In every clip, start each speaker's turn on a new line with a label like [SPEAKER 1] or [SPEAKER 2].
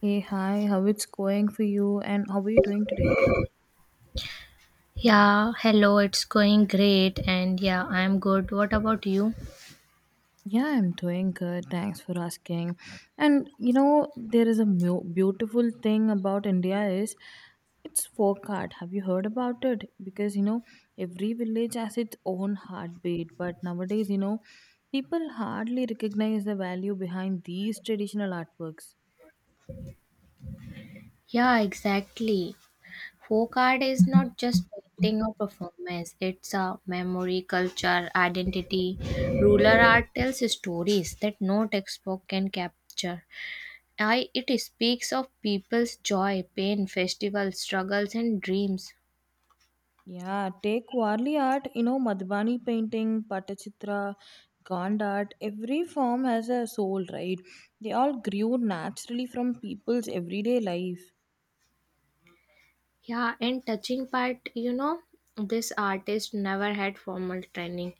[SPEAKER 1] Hey, hi, how it's going for you and how are you doing today?
[SPEAKER 2] Yeah, hello, it's going great, and yeah, I'm good. What about you?
[SPEAKER 1] Yeah, I'm doing good. Thanks for asking. And you know, there is a beautiful thing about India is it's folk art. Have you heard about it? Because you know, every village has its own heartbeat, but nowadays, you know, people hardly recognize the value behind these traditional artworks.
[SPEAKER 2] Yeah, exactly. Folk art is not just painting or performance, it's a memory, culture, identity. Rural art tells stories that no textbook can capture. It speaks of people's joy, pain, festivals, struggles, and dreams.
[SPEAKER 1] Yeah, take Warli art, you know, Madhubani painting, Patachitra, Gand art, every form has a soul, right? They all grew naturally from people's everyday life.
[SPEAKER 2] Yeah, and touching part, you know, this artist never had formal training.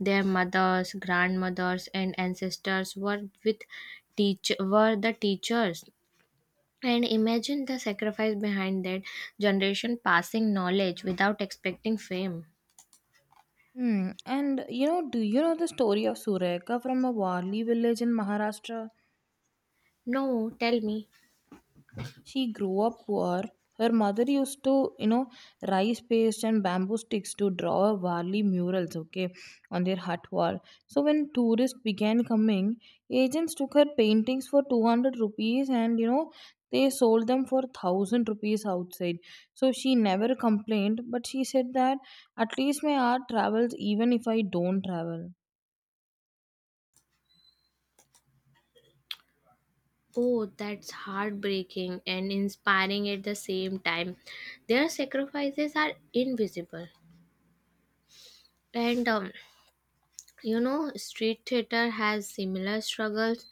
[SPEAKER 2] Their mothers, grandmothers, and ancestors were with teach were the teachers. And imagine the sacrifice behind that generation passing knowledge without expecting fame.
[SPEAKER 1] Hmm. And you know, do you know the story of Sureka from a Warli village in Maharashtra?
[SPEAKER 2] No, tell me.
[SPEAKER 1] She grew up poor. Her mother used to, you know, rice paste and bamboo sticks to draw Varli murals, okay, on their hut wall. So when tourists began coming, agents took her paintings for 200 rupees and, you know, they sold them for 1,000 rupees outside. So she never complained, but she said that at least my art travels even if I don't travel.
[SPEAKER 2] Oh, that's heartbreaking and inspiring at the same time. Their sacrifices are invisible. And You know, street theater has similar struggles.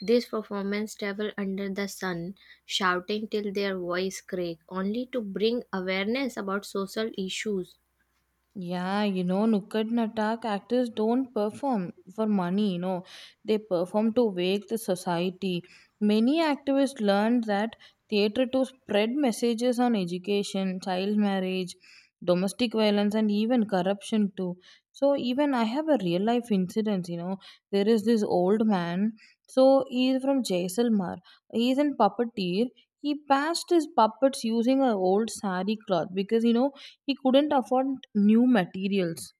[SPEAKER 2] These performers travel under the sun, shouting till their voice crack, only to bring awareness about social issues.
[SPEAKER 1] Yeah, you know, Nukkad Natak actors don't perform for money, you know, they perform to wake the society. Many activists learned that theatre to spread messages on education, child marriage, domestic violence, and even corruption, too. So, even I have a real life incident, you know, there is this old man, so he is from Jaisalmer, he is in puppeteer. He passed his puppets using a old sari cloth because you know he couldn't afford new materials.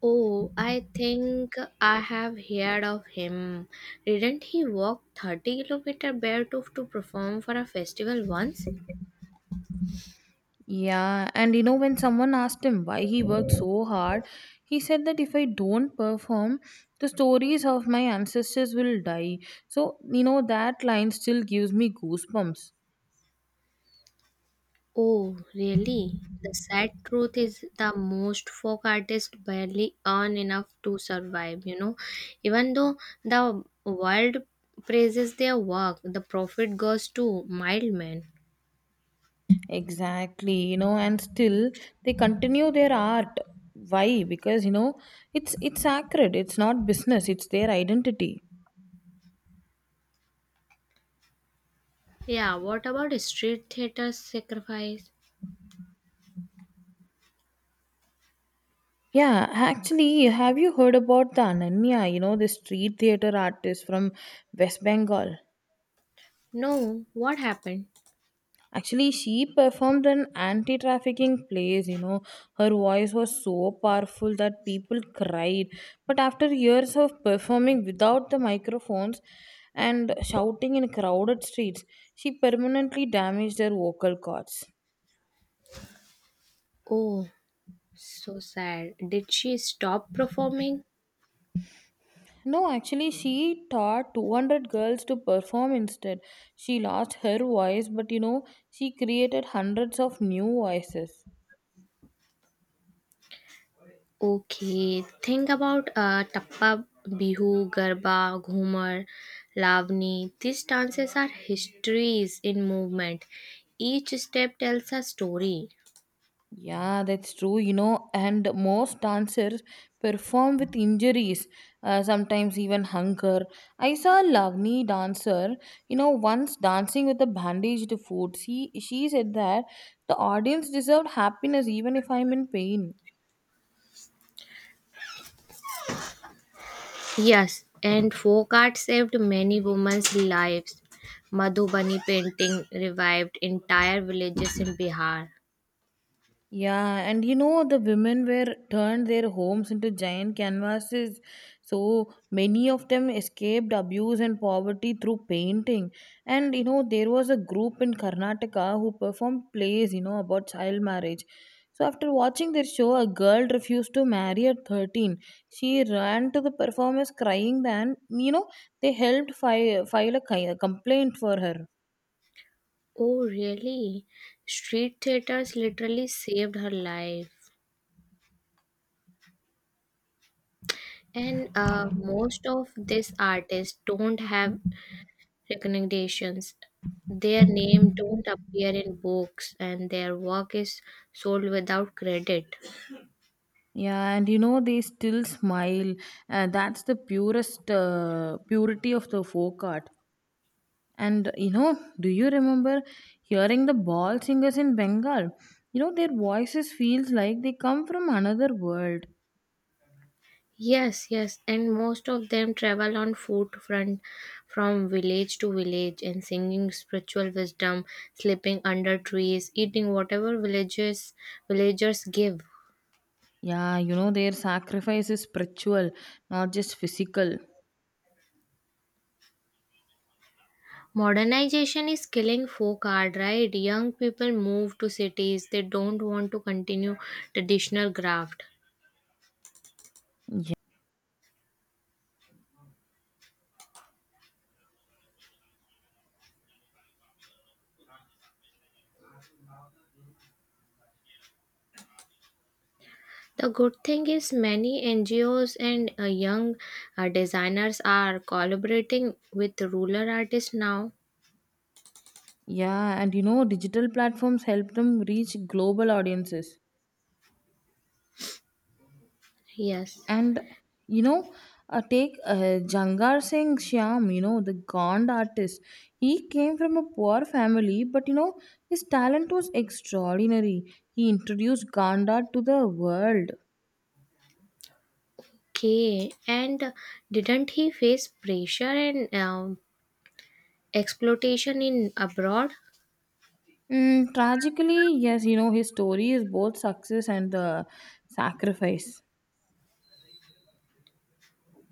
[SPEAKER 2] Oh, I think I have heard of him. Didn't he walk 30-kilometer barefoot to perform for a festival once?
[SPEAKER 1] Yeah, and you know, when someone asked him why he worked so hard, he said that if I don't perform, the stories of my ancestors will die. So, you know, that line still gives me goosebumps.
[SPEAKER 2] Oh, really? The sad truth is the most folk artists barely earn enough to survive, you know. Even though the world praises their work, the profit goes to mild.
[SPEAKER 1] Exactly, you know, and still they continue their art. Why? Because, you know, it's sacred. It's not business. It's their identity.
[SPEAKER 2] Yeah, what about street theater's sacrifice?
[SPEAKER 1] Yeah, actually, have you heard about the Ananya, you know, the street theater artist from West Bengal?
[SPEAKER 2] No, what happened?
[SPEAKER 1] Actually, she performed an anti trafficking plays, you know. Her voice was so powerful that people cried. But after years of performing without the microphones and shouting in crowded streets, she permanently damaged her vocal cords.
[SPEAKER 2] Oh, so sad. Did she stop performing?
[SPEAKER 1] No, actually, she taught 200 girls to perform instead. She lost her voice, but you know, she created hundreds of new voices.
[SPEAKER 2] Okay, think about Tappa Bihu, Garba, Ghumar, Lavani. These dances are histories in movement. Each step tells a story.
[SPEAKER 1] Yeah, that's true, you know, and most dancers perform with injuries, sometimes even hunger. I saw a Lavni dancer, you know, once dancing with a bandaged foot. She said that the audience deserved happiness even if I'm in pain.
[SPEAKER 2] Yes, and folk art saved many women's lives. Madhubani painting revived entire villages in Bihar.
[SPEAKER 1] Yeah, and you know, the women were turned their homes into giant canvases. So many of them escaped abuse and poverty through painting. And you know, there was a group in Karnataka who performed plays, you know, about child marriage. So after watching their show, a girl refused to marry at 13. She ran to the performers crying, then, you know, they helped file a a complaint for her.
[SPEAKER 2] Oh, really? Street theaters literally saved her life. And most of these artists don't have recommendations. Their name don't appear in books and their work is sold without credit.
[SPEAKER 1] Yeah, and you know, they still smile. That's the purest purity of the folk art. And you know, do you remember hearing the ball singers in Bengal? You know, their voices feels like they come from another world.
[SPEAKER 2] Yes, yes, and most of them travel on foot front from village to village and singing spiritual wisdom, sleeping under trees, eating whatever villages villagers give.
[SPEAKER 1] Yeah, you know, their sacrifice is spiritual, not just physical.
[SPEAKER 2] Modernization is killing folk art, right? Young people move to cities, they don't want to continue traditional craft.
[SPEAKER 1] Yeah,
[SPEAKER 2] The good thing is many NGOs and young designers are collaborating with rural artists now.
[SPEAKER 1] yeah, and you know, digital platforms help them reach global audiences.
[SPEAKER 2] Yes.
[SPEAKER 1] And you know, take jangar singh shyam, you know, the gond artist. He came from a poor family but you know his talent was extraordinary. He introduced Gond art to the world.
[SPEAKER 2] Okay. And didn't he face pressure and exploitation in abroad?
[SPEAKER 1] Tragically yes, you know, his story is both success and sacrifice.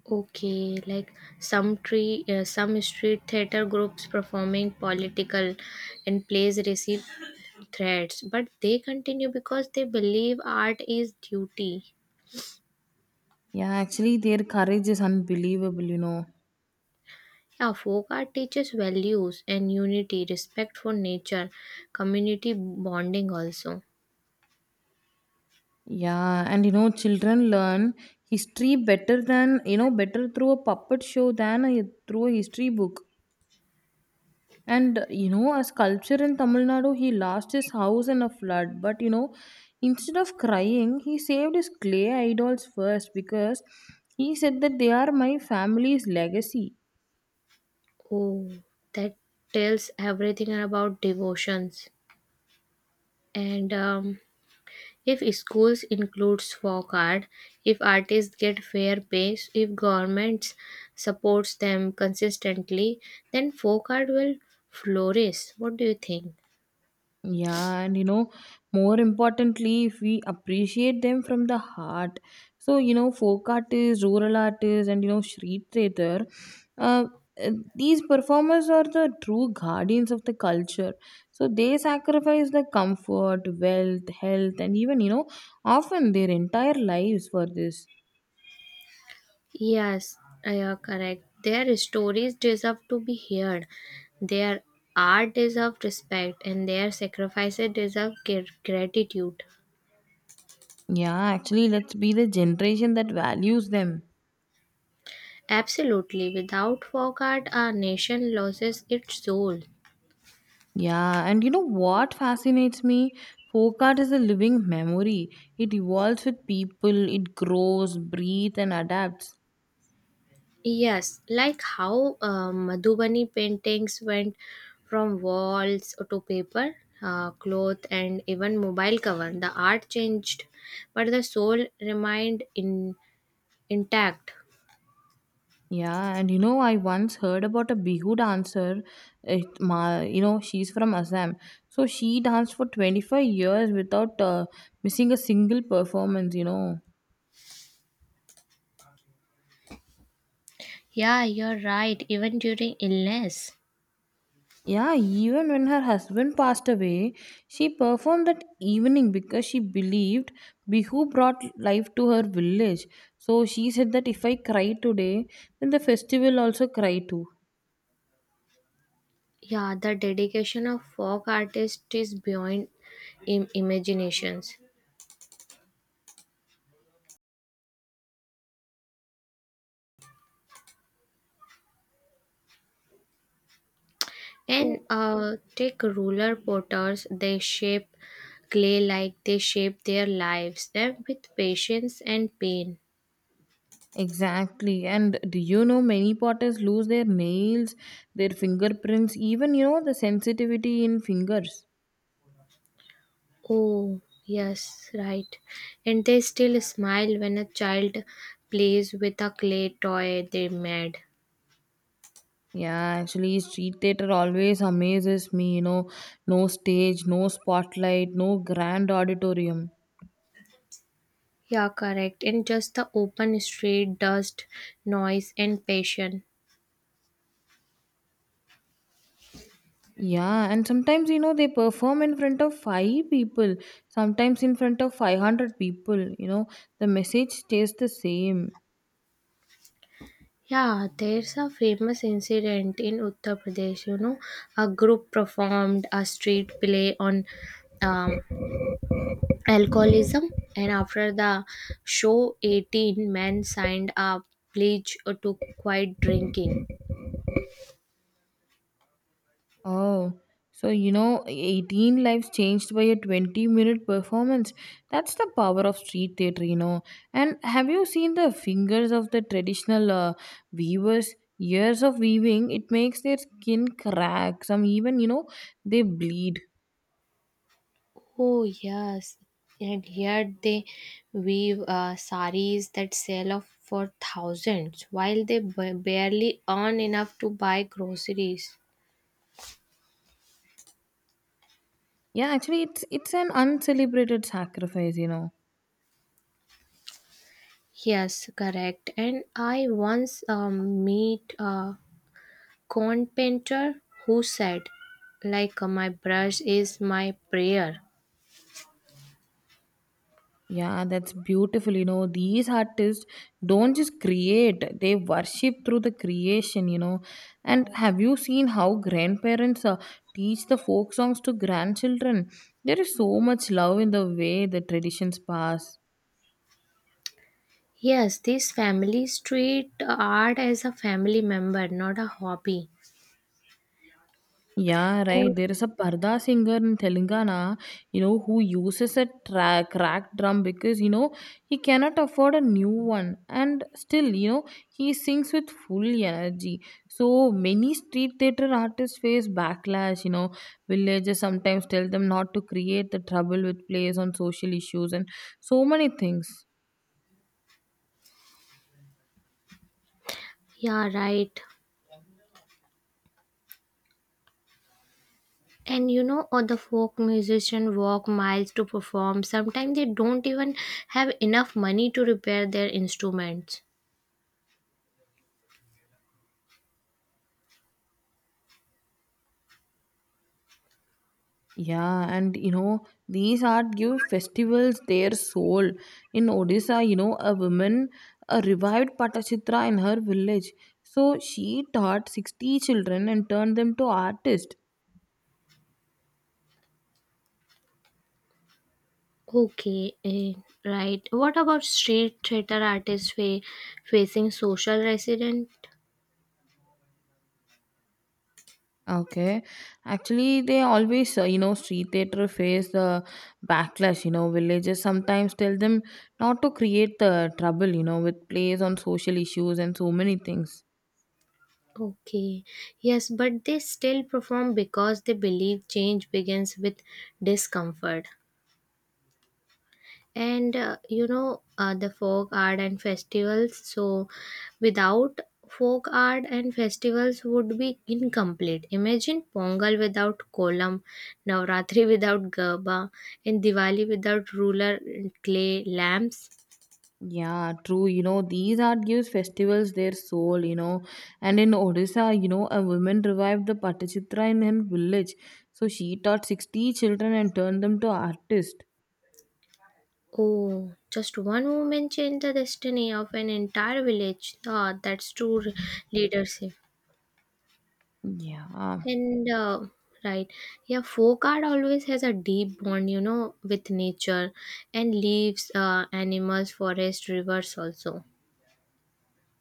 [SPEAKER 2] Okay, like some street theater groups performing political and plays receive threats, but they continue because they believe art is duty.
[SPEAKER 1] Yeah, actually their courage is unbelievable, you know.
[SPEAKER 2] Yeah, folk art teaches values and unity, respect for nature, community bonding also.
[SPEAKER 1] Yeah, and you know, children learn history better than, you know, better through a puppet show than through a history book. And you know, a sculpture in Tamil Nadu, he lost his house in a flood. But you know, instead of crying, he saved his clay idols first because he said that they are my family's legacy.
[SPEAKER 2] Oh, that tells everything about devotions. And If schools includes folk art, if artists get fair pay, if governments supports them consistently, then folk art will flourish. What do you think?
[SPEAKER 1] Yeah, and you know, more importantly, if we appreciate them from the heart. So, you know, folk artists, rural artists, and you know, street theater, uh, these performers are the true guardians of the culture. So, they sacrifice the comfort, wealth, health, and even, you know, often their entire lives for this.
[SPEAKER 2] Yes, you are correct. Their stories deserve to be heard. Their art deserves respect and their sacrifices deserve gratitude.
[SPEAKER 1] Yeah, actually, let's be the generation that values them.
[SPEAKER 2] Absolutely. Without folk art, our nation loses its soul.
[SPEAKER 1] Yeah, and you know what fascinates me? Folk art is a living memory. It evolves with people, it grows, breathes, and adapts.
[SPEAKER 2] Yes, like how Madhubani paintings went from walls to paper, cloth, and even mobile cover. The art changed, but the soul remained intact.
[SPEAKER 1] Yeah, and you know, I once heard about a Bihu dancer. You know, she's from Assam. So she danced for 25 years without missing a single performance, you know.
[SPEAKER 2] Yeah, you're right, even during illness.
[SPEAKER 1] Yeah, even when her husband passed away, she performed that evening because she believed Bihu brought life to her village. So she said that if I cry today, then the festival also cry too.
[SPEAKER 2] Yeah, the dedication of folk artists is beyond imaginations. And
[SPEAKER 1] Oh,
[SPEAKER 2] take ruler potters, they shape clay like they shape their lives and with patience and pain.
[SPEAKER 1] exactly. And do you know many potters lose their nails, their fingerprints, even you know the sensitivity in fingers?
[SPEAKER 2] Oh, yes, right. And they still smile when a child plays with a clay toy they made.
[SPEAKER 1] Yeah, actually, street theater always amazes me. You know, no stage, no spotlight, no grand auditorium.
[SPEAKER 2] Yeah, correct. And just the open street, dust, noise, and passion.
[SPEAKER 1] Yeah, and sometimes you know they perform in front of five people, sometimes in front of 500 people. You know, the message stays the same.
[SPEAKER 2] Yeah, there's a famous incident in Uttar Pradesh. You know, a group performed a street play on um, alcoholism, and after the show, 18 men signed a pledge to quit drinking.
[SPEAKER 1] Oh, so you know, 18 lives changed by a 20-minute performance. That's the power of street theater, you know. And have you seen the fingers of the traditional weavers? Years of weaving, it makes their skin crack. Some even, you know, they bleed.
[SPEAKER 2] Oh, yes. And here they weave saris that sell off for thousands while they barely earn enough to buy groceries.
[SPEAKER 1] Yeah, actually, it's an uncelebrated sacrifice, you know.
[SPEAKER 2] Yes, correct. And I once meet a corn painter who said, "My brush is my prayer."
[SPEAKER 1] Yeah, that's beautiful. You know, these artists don't just create, they worship through the creation, you know. And have you seen how grandparents teach the folk songs to grandchildren? There is so much love in the way the traditions pass.
[SPEAKER 2] Yes, this families treat art as a family member, not a hobby.
[SPEAKER 1] Yeah,
[SPEAKER 2] And
[SPEAKER 1] right. There is a Parda singer in Telangana, you know, who uses a cracked drum because, you know, he cannot afford a new one. And still, you know, he sings with full energy. So many street theater artists face backlash, you know. Villagers sometimes tell them not to create the trouble with plays on social issues and so many things.
[SPEAKER 2] yeah, right. And you know, or the folk musician walk miles to perform. Sometimes they don't even have enough money to repair their instruments.
[SPEAKER 1] Yeah, and you know, these art give festivals their soul. In Odisha, you know, a woman revived Patachitra in her village. So she taught 60 children and turned them to artists.
[SPEAKER 2] Okay, eh, right. What about street theater artists facing social resident?
[SPEAKER 1] Okay. Actually, they always, you know, street theater face the backlash. You know, villages sometimes tell them not to create the trouble, you know, with plays on social issues and so many things.
[SPEAKER 2] Okay, yes, but they still perform because they believe change begins with discomfort. And the folk art and festivals, so without folk art and festivals would be incomplete. Imagine Pongal without kolam, Navratri without garba, and Diwali without ruler and clay lamps.
[SPEAKER 1] Yeah, true. You know, these art gives festivals their soul, you know. And in Odisha, you know, a woman revived the Patachitra in her village. So she taught 60 children and turned them to artists.
[SPEAKER 2] Oh, just one woman changed the destiny of an entire village. Ah, that's true leadership.
[SPEAKER 1] Yeah.
[SPEAKER 2] And right, yeah, folk art always has a deep bond, you know, with nature and leaves, animals, forest, rivers also.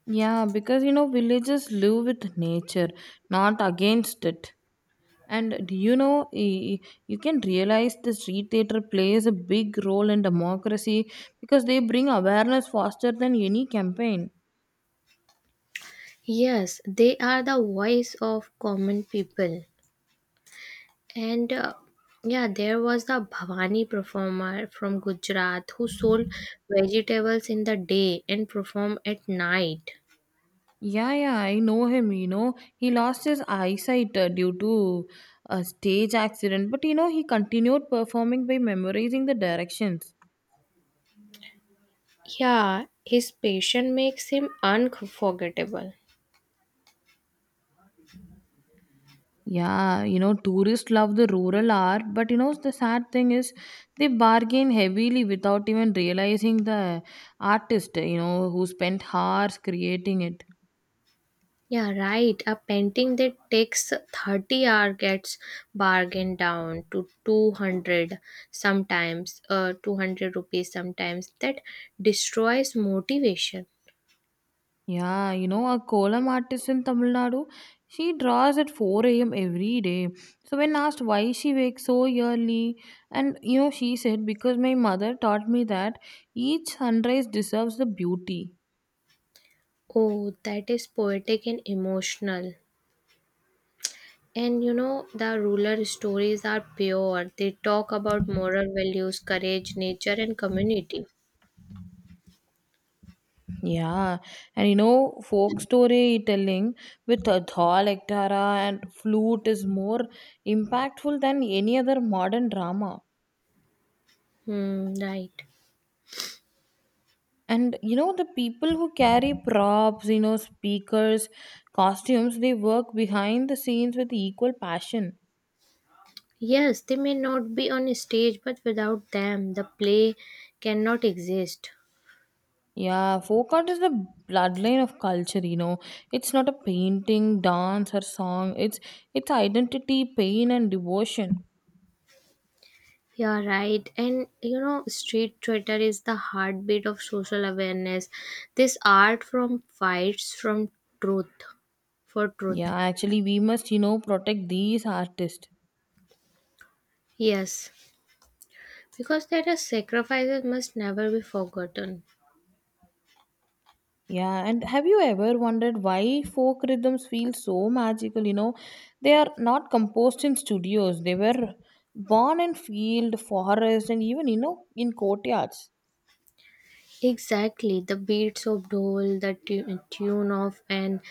[SPEAKER 1] Yeah, because, you know, villages live with nature, not against it. And do you know, you can realize the street theater plays a big role in democracy because they bring awareness faster than any campaign.
[SPEAKER 2] Yes, they are the voice of common people. And yeah, there was the Bhavani performer from Gujarat who sold vegetables in the day and performed at night.
[SPEAKER 1] Yeah, yeah, I know him. You know, he lost his eyesight due to a stage accident, but you know, he continued performing by memorizing the directions.
[SPEAKER 2] Yeah, his passion makes him unforgettable.
[SPEAKER 1] Yeah, you know, tourists love the rural art, but you know, the sad thing is they bargain heavily without even realizing the artist, you know, who spent hours creating it.
[SPEAKER 2] Yeah, right. A painting that takes 30 hours gets bargained down to 200 rupees sometimes. That destroys motivation.
[SPEAKER 1] Yeah, you know, a kolam artist in Tamil Nadu, she draws at 4 a.m. every day. So, when asked why she wakes so early, and you know, she said, because my mother taught me that each sunrise deserves the beauty.
[SPEAKER 2] Oh, that is poetic and emotional. And you know, the ruler stories are pure. They talk about moral values, courage, nature, and community.
[SPEAKER 1] Yeah, and you know, folk storytelling with a thal ektara and flute is more impactful than any other modern drama.
[SPEAKER 2] Hmm, right.
[SPEAKER 1] And you know, the people who carry props, you know, speakers, costumes, they work behind the scenes with equal passion.
[SPEAKER 2] Yes, they may not be on stage, but without them, the play cannot exist.
[SPEAKER 1] Yeah, folk art is the bloodline of culture, you know. It's not a painting, dance, or song. It's identity, pain, and devotion.
[SPEAKER 2] You're right. And you know, street theater is the heartbeat of social awareness. This art from fights from truth for truth.
[SPEAKER 1] Yeah, actually, we must, you know, protect these artists.
[SPEAKER 2] Yes, because there are sacrifices must never be forgotten.
[SPEAKER 1] Yeah, and have you ever wondered why folk rhythms feel so magical? You know, they are not composed in studios. They were born in field, forest, and even you know in courtyards.
[SPEAKER 2] Exactly, the beats of dhol, the tune of an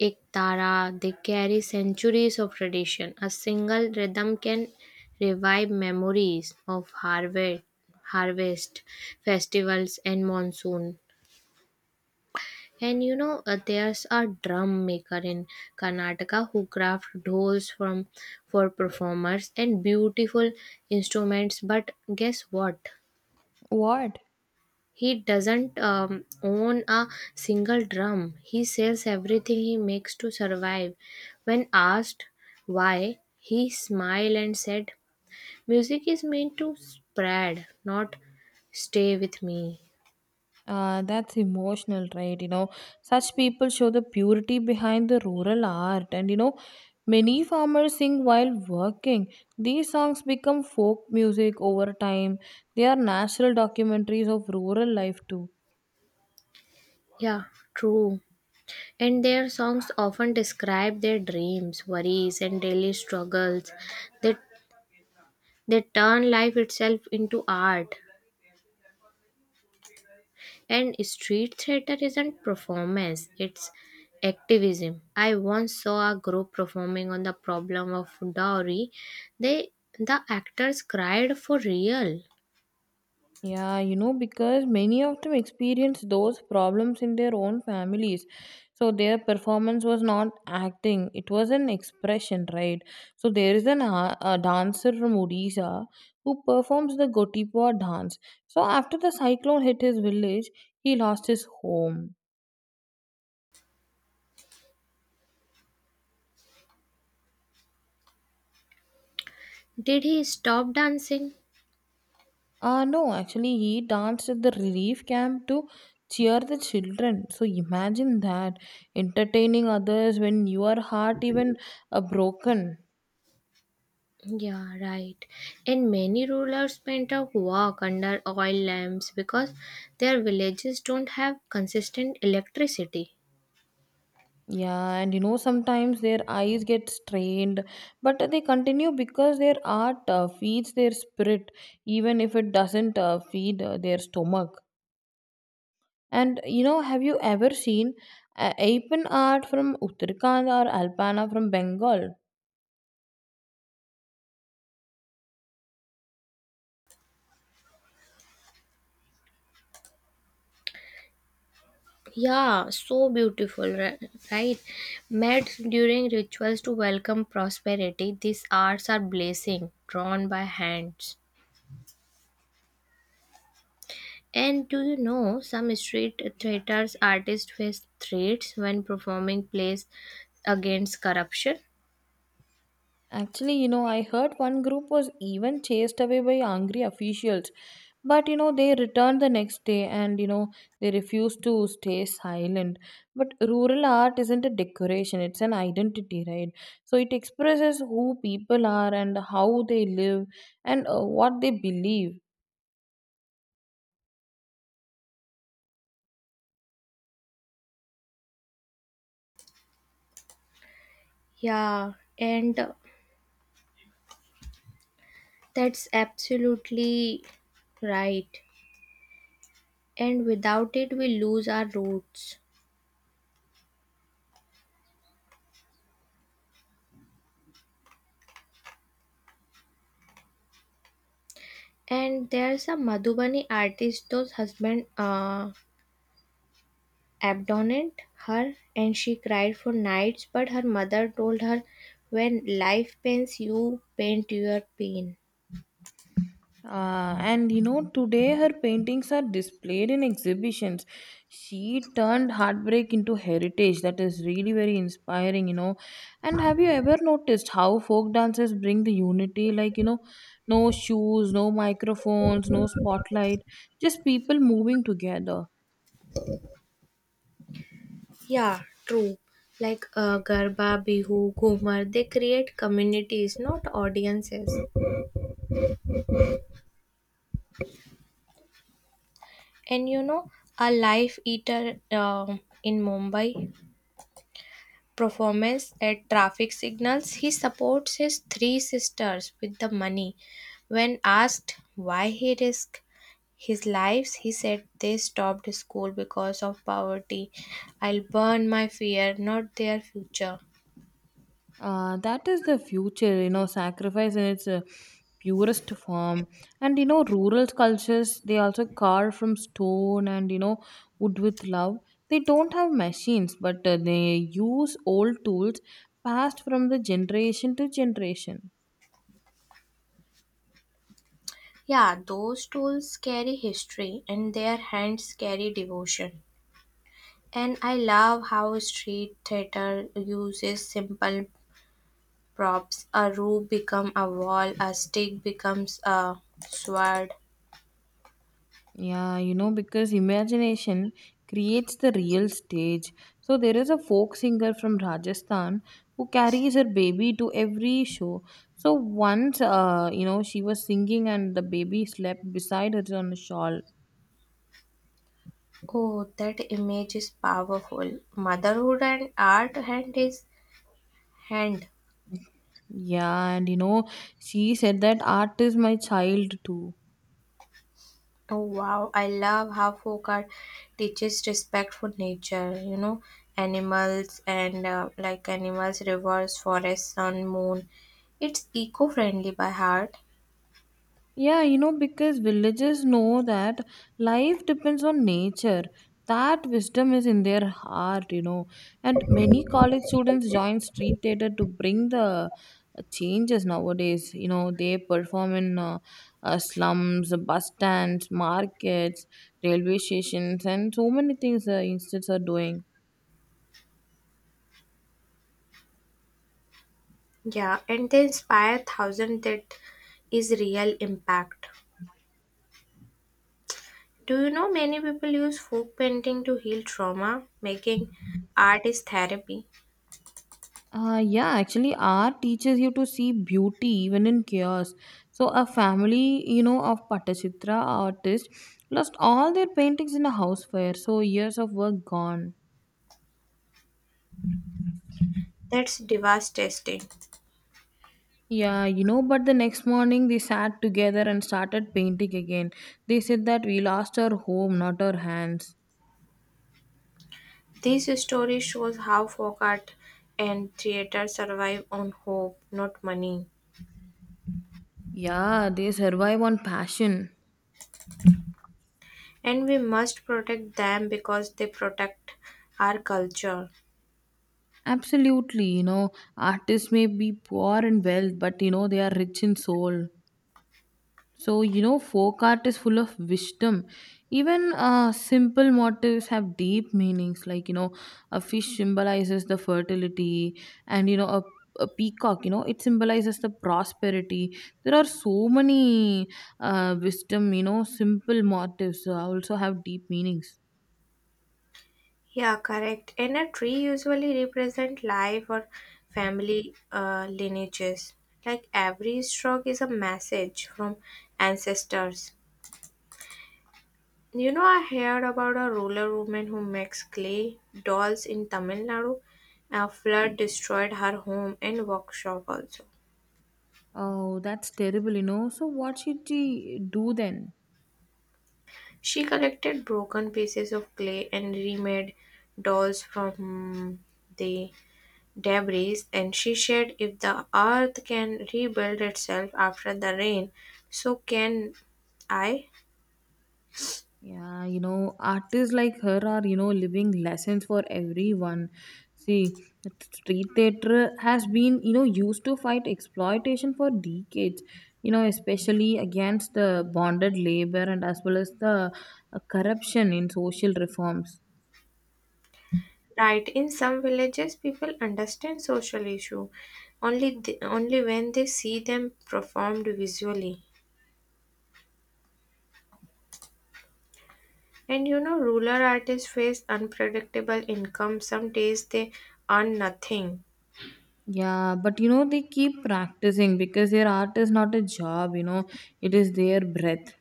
[SPEAKER 2] Iktara. They carry centuries of tradition. A single rhythm can revive memories of harvest festivals, and monsoon. And you know, there's a drum maker in Karnataka who crafts dolls from for performers and beautiful instruments. But guess what?
[SPEAKER 1] What?
[SPEAKER 2] He doesn't own a single drum. He sells everything he makes to survive. When asked why, he smiled and said, "Music is meant to spread, not stay with me."
[SPEAKER 1] That's emotional, right? You know, such people show the purity behind the rural art, and you know, many farmers sing while working. These songs become folk music over time. They are natural documentaries of rural life too.
[SPEAKER 2] Yeah, true. And their songs often describe their dreams, worries, and daily struggles. They, they turn life itself into art. And street theater isn't performance, it's activism. I once saw a group performing on the problem of dowry. They the actors cried for real.
[SPEAKER 1] Yeah, you know, because many of them experienced those problems in their own families. So their performance was not acting, it was an expression, right? So there is a dancer from Odisha who performs the Gotipoa dance. So after the cyclone hit his village, he lost his home.
[SPEAKER 2] Did he stop dancing?
[SPEAKER 1] Ah, no, actually, he danced at the relief camp to cheer the children. So imagine that entertaining others when your heart even broken.
[SPEAKER 2] Yeah, right. And many rural painters walk under oil lamps because their villages don't have consistent electricity.
[SPEAKER 1] Yeah, and you know, sometimes their eyes get strained, but they continue because their art feeds their spirit, even if it doesn't feed their stomach. And you know, have you ever seen Apen art from Uttarakhand or Alpana from Bengal?
[SPEAKER 2] Yeah, so beautiful, right? Met during rituals to welcome prosperity, these arts are blazing, drawn by hands. And do you know some street theaters artists face threats when performing plays against corruption?
[SPEAKER 1] Actually, you know, I heard one group was even chased away by angry officials. But, you know, they returned the next day and, you know, they refused to stay silent. But rural art isn't a decoration, it's an identity, right? So it expresses who people are and how they live and what they believe.
[SPEAKER 2] Yeah, and that's absolutely right. And without it, we lose our roots. And there's a Madhubani artist, those husband, abandoned her and she cried for nights, but her mother told her, "When life pains you, paint your pain."
[SPEAKER 1] And you know, today her paintings are displayed in exhibitions. She turned heartbreak into heritage. That is really very inspiring, you know. And have you ever noticed how folk dances bring the unity? Like, you know, no shoes, no microphones, no spotlight, just people moving together.
[SPEAKER 2] Yeah, true, like garba, bihu, ghumar, they create communities, not audiences. And you know, a life eater in Mumbai performance at traffic signals, he supports his 3 sisters with the money. When asked why he risked his lives, he said they stopped school because of poverty. "I'll burn my fear, not their future."
[SPEAKER 1] That is the future, you know, sacrifice in its purest form. And, you know, rural cultures, they also carve from stone and, you know, wood with love. They don't have machines, but they use old tools passed from the generation to generation.
[SPEAKER 2] Yeah, those tools carry history and their hands carry devotion. And I love how street theater uses simple props. A roof becomes a wall, a stick becomes a sword.
[SPEAKER 1] Yeah, you know, because imagination creates the real stage. So there is a folk singer from Rajasthan who carries her baby to every show. So once, you know, she was singing and the baby slept beside her on a shawl.
[SPEAKER 2] Oh, that image is powerful. Motherhood and art hand is hand.
[SPEAKER 1] Yeah, and you know, she said that art is my child too.
[SPEAKER 2] Oh wow, I love how folk art teaches respect for nature, you know, animals and animals, rivers, forests, sun, moon. It's eco-friendly by heart.
[SPEAKER 1] Yeah, you know, because villagers know that life depends on nature. That wisdom is in their heart, you know. And many college students join street theater to bring the changes nowadays. You know, they perform in slums, bus stands, markets, railway stations, and so many things institutes are doing.
[SPEAKER 2] Yeah, and they inspire thousand that is real impact. Do you know many people use folk painting to heal trauma? Making art is therapy.
[SPEAKER 1] Yeah, actually, art teaches you to see beauty even in chaos. So, a family, you know, of Pattachitra artists lost all their paintings in a house fire. So, years of work gone.
[SPEAKER 2] That's devastating.
[SPEAKER 1] Yeah, you know, but the next morning they sat together and started painting again. They said that we lost our home, not our hands.
[SPEAKER 2] This story shows how folk art and theater survive on hope, not money.
[SPEAKER 1] Yeah, they survive on passion.
[SPEAKER 2] And we must protect them because they protect our culture.
[SPEAKER 1] Absolutely, you know, artists may be poor in wealth, but you know, they are rich in soul. So, you know, folk art is full of wisdom. Even simple motifs have deep meanings, like, you know, a fish symbolizes the fertility, and, you know, a peacock, you know, it symbolizes the prosperity. There are so many wisdom, you know, simple motifs also have deep meanings.
[SPEAKER 2] Yeah, correct. And a tree usually represent life or family lineages. Like every stroke is a message from ancestors. You know, I heard about a ruler woman who makes clay dolls in Tamil Nadu. A flood destroyed her home and workshop also.
[SPEAKER 1] Oh, that's terrible, you know. So, what should she do then?
[SPEAKER 2] She collected broken pieces of clay and remade dolls from the debris, and she said, "If the earth can rebuild itself after the rain, so can I."
[SPEAKER 1] Yeah, you know, artists like her are, you know, living lessons for everyone. See, street theater has been, you know, used to fight exploitation for decades, you know, especially against the bonded labor and as well as the corruption in social reforms.
[SPEAKER 2] Right, in some villages, people understand social issue only when they see them performed visually. And you know, rural artists face unpredictable income. Some days they earn nothing.
[SPEAKER 1] Yeah, but you know, they keep practicing because their art is not a job, you know, it is their breath.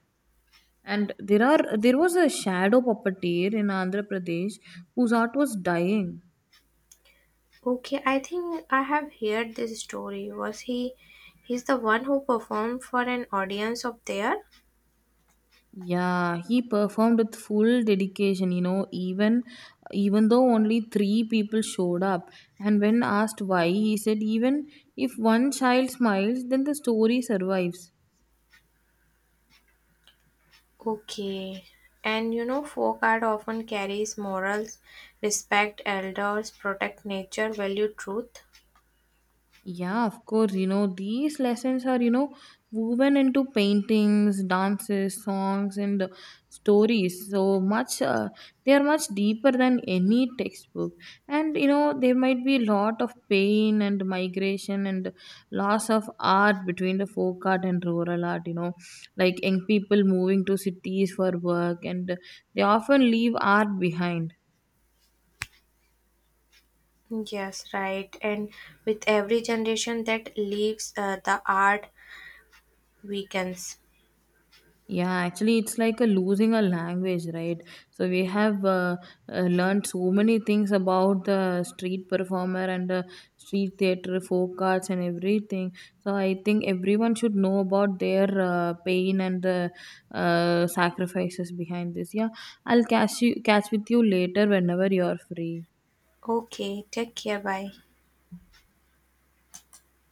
[SPEAKER 1] And there was a shadow puppeteer in Andhra Pradesh whose art was dying.
[SPEAKER 2] Okay, I think I have heard this story. Was he? He's the one who performed for an audience up there.
[SPEAKER 1] Yeah, he performed with full dedication, you know, even though only 3 people showed up. And when asked why, he said even if one child smiles, then the story survives.
[SPEAKER 2] Okay. And you know, folk art often carries morals, respect elders, protect nature, value truth.
[SPEAKER 1] Yeah, of course. You know, these lessons are, you know, woven into paintings, dances, songs, and stories. So they are much deeper than any textbook. And, you know, there might be a lot of pain and migration and loss of art between the folk art and rural art, you know, like young people moving to cities for work and they often leave art behind.
[SPEAKER 2] Yes, right. And with every generation that leaves, the art weakens.
[SPEAKER 1] Yeah, actually, it's like a losing a language, right? So we have learned so many things about the street performer and the street theater, folk arts, and everything. So I think everyone should know about their pain and the sacrifices behind this. Yeah, I'll catch with you later whenever you're free.
[SPEAKER 2] Okay, take care. Bye.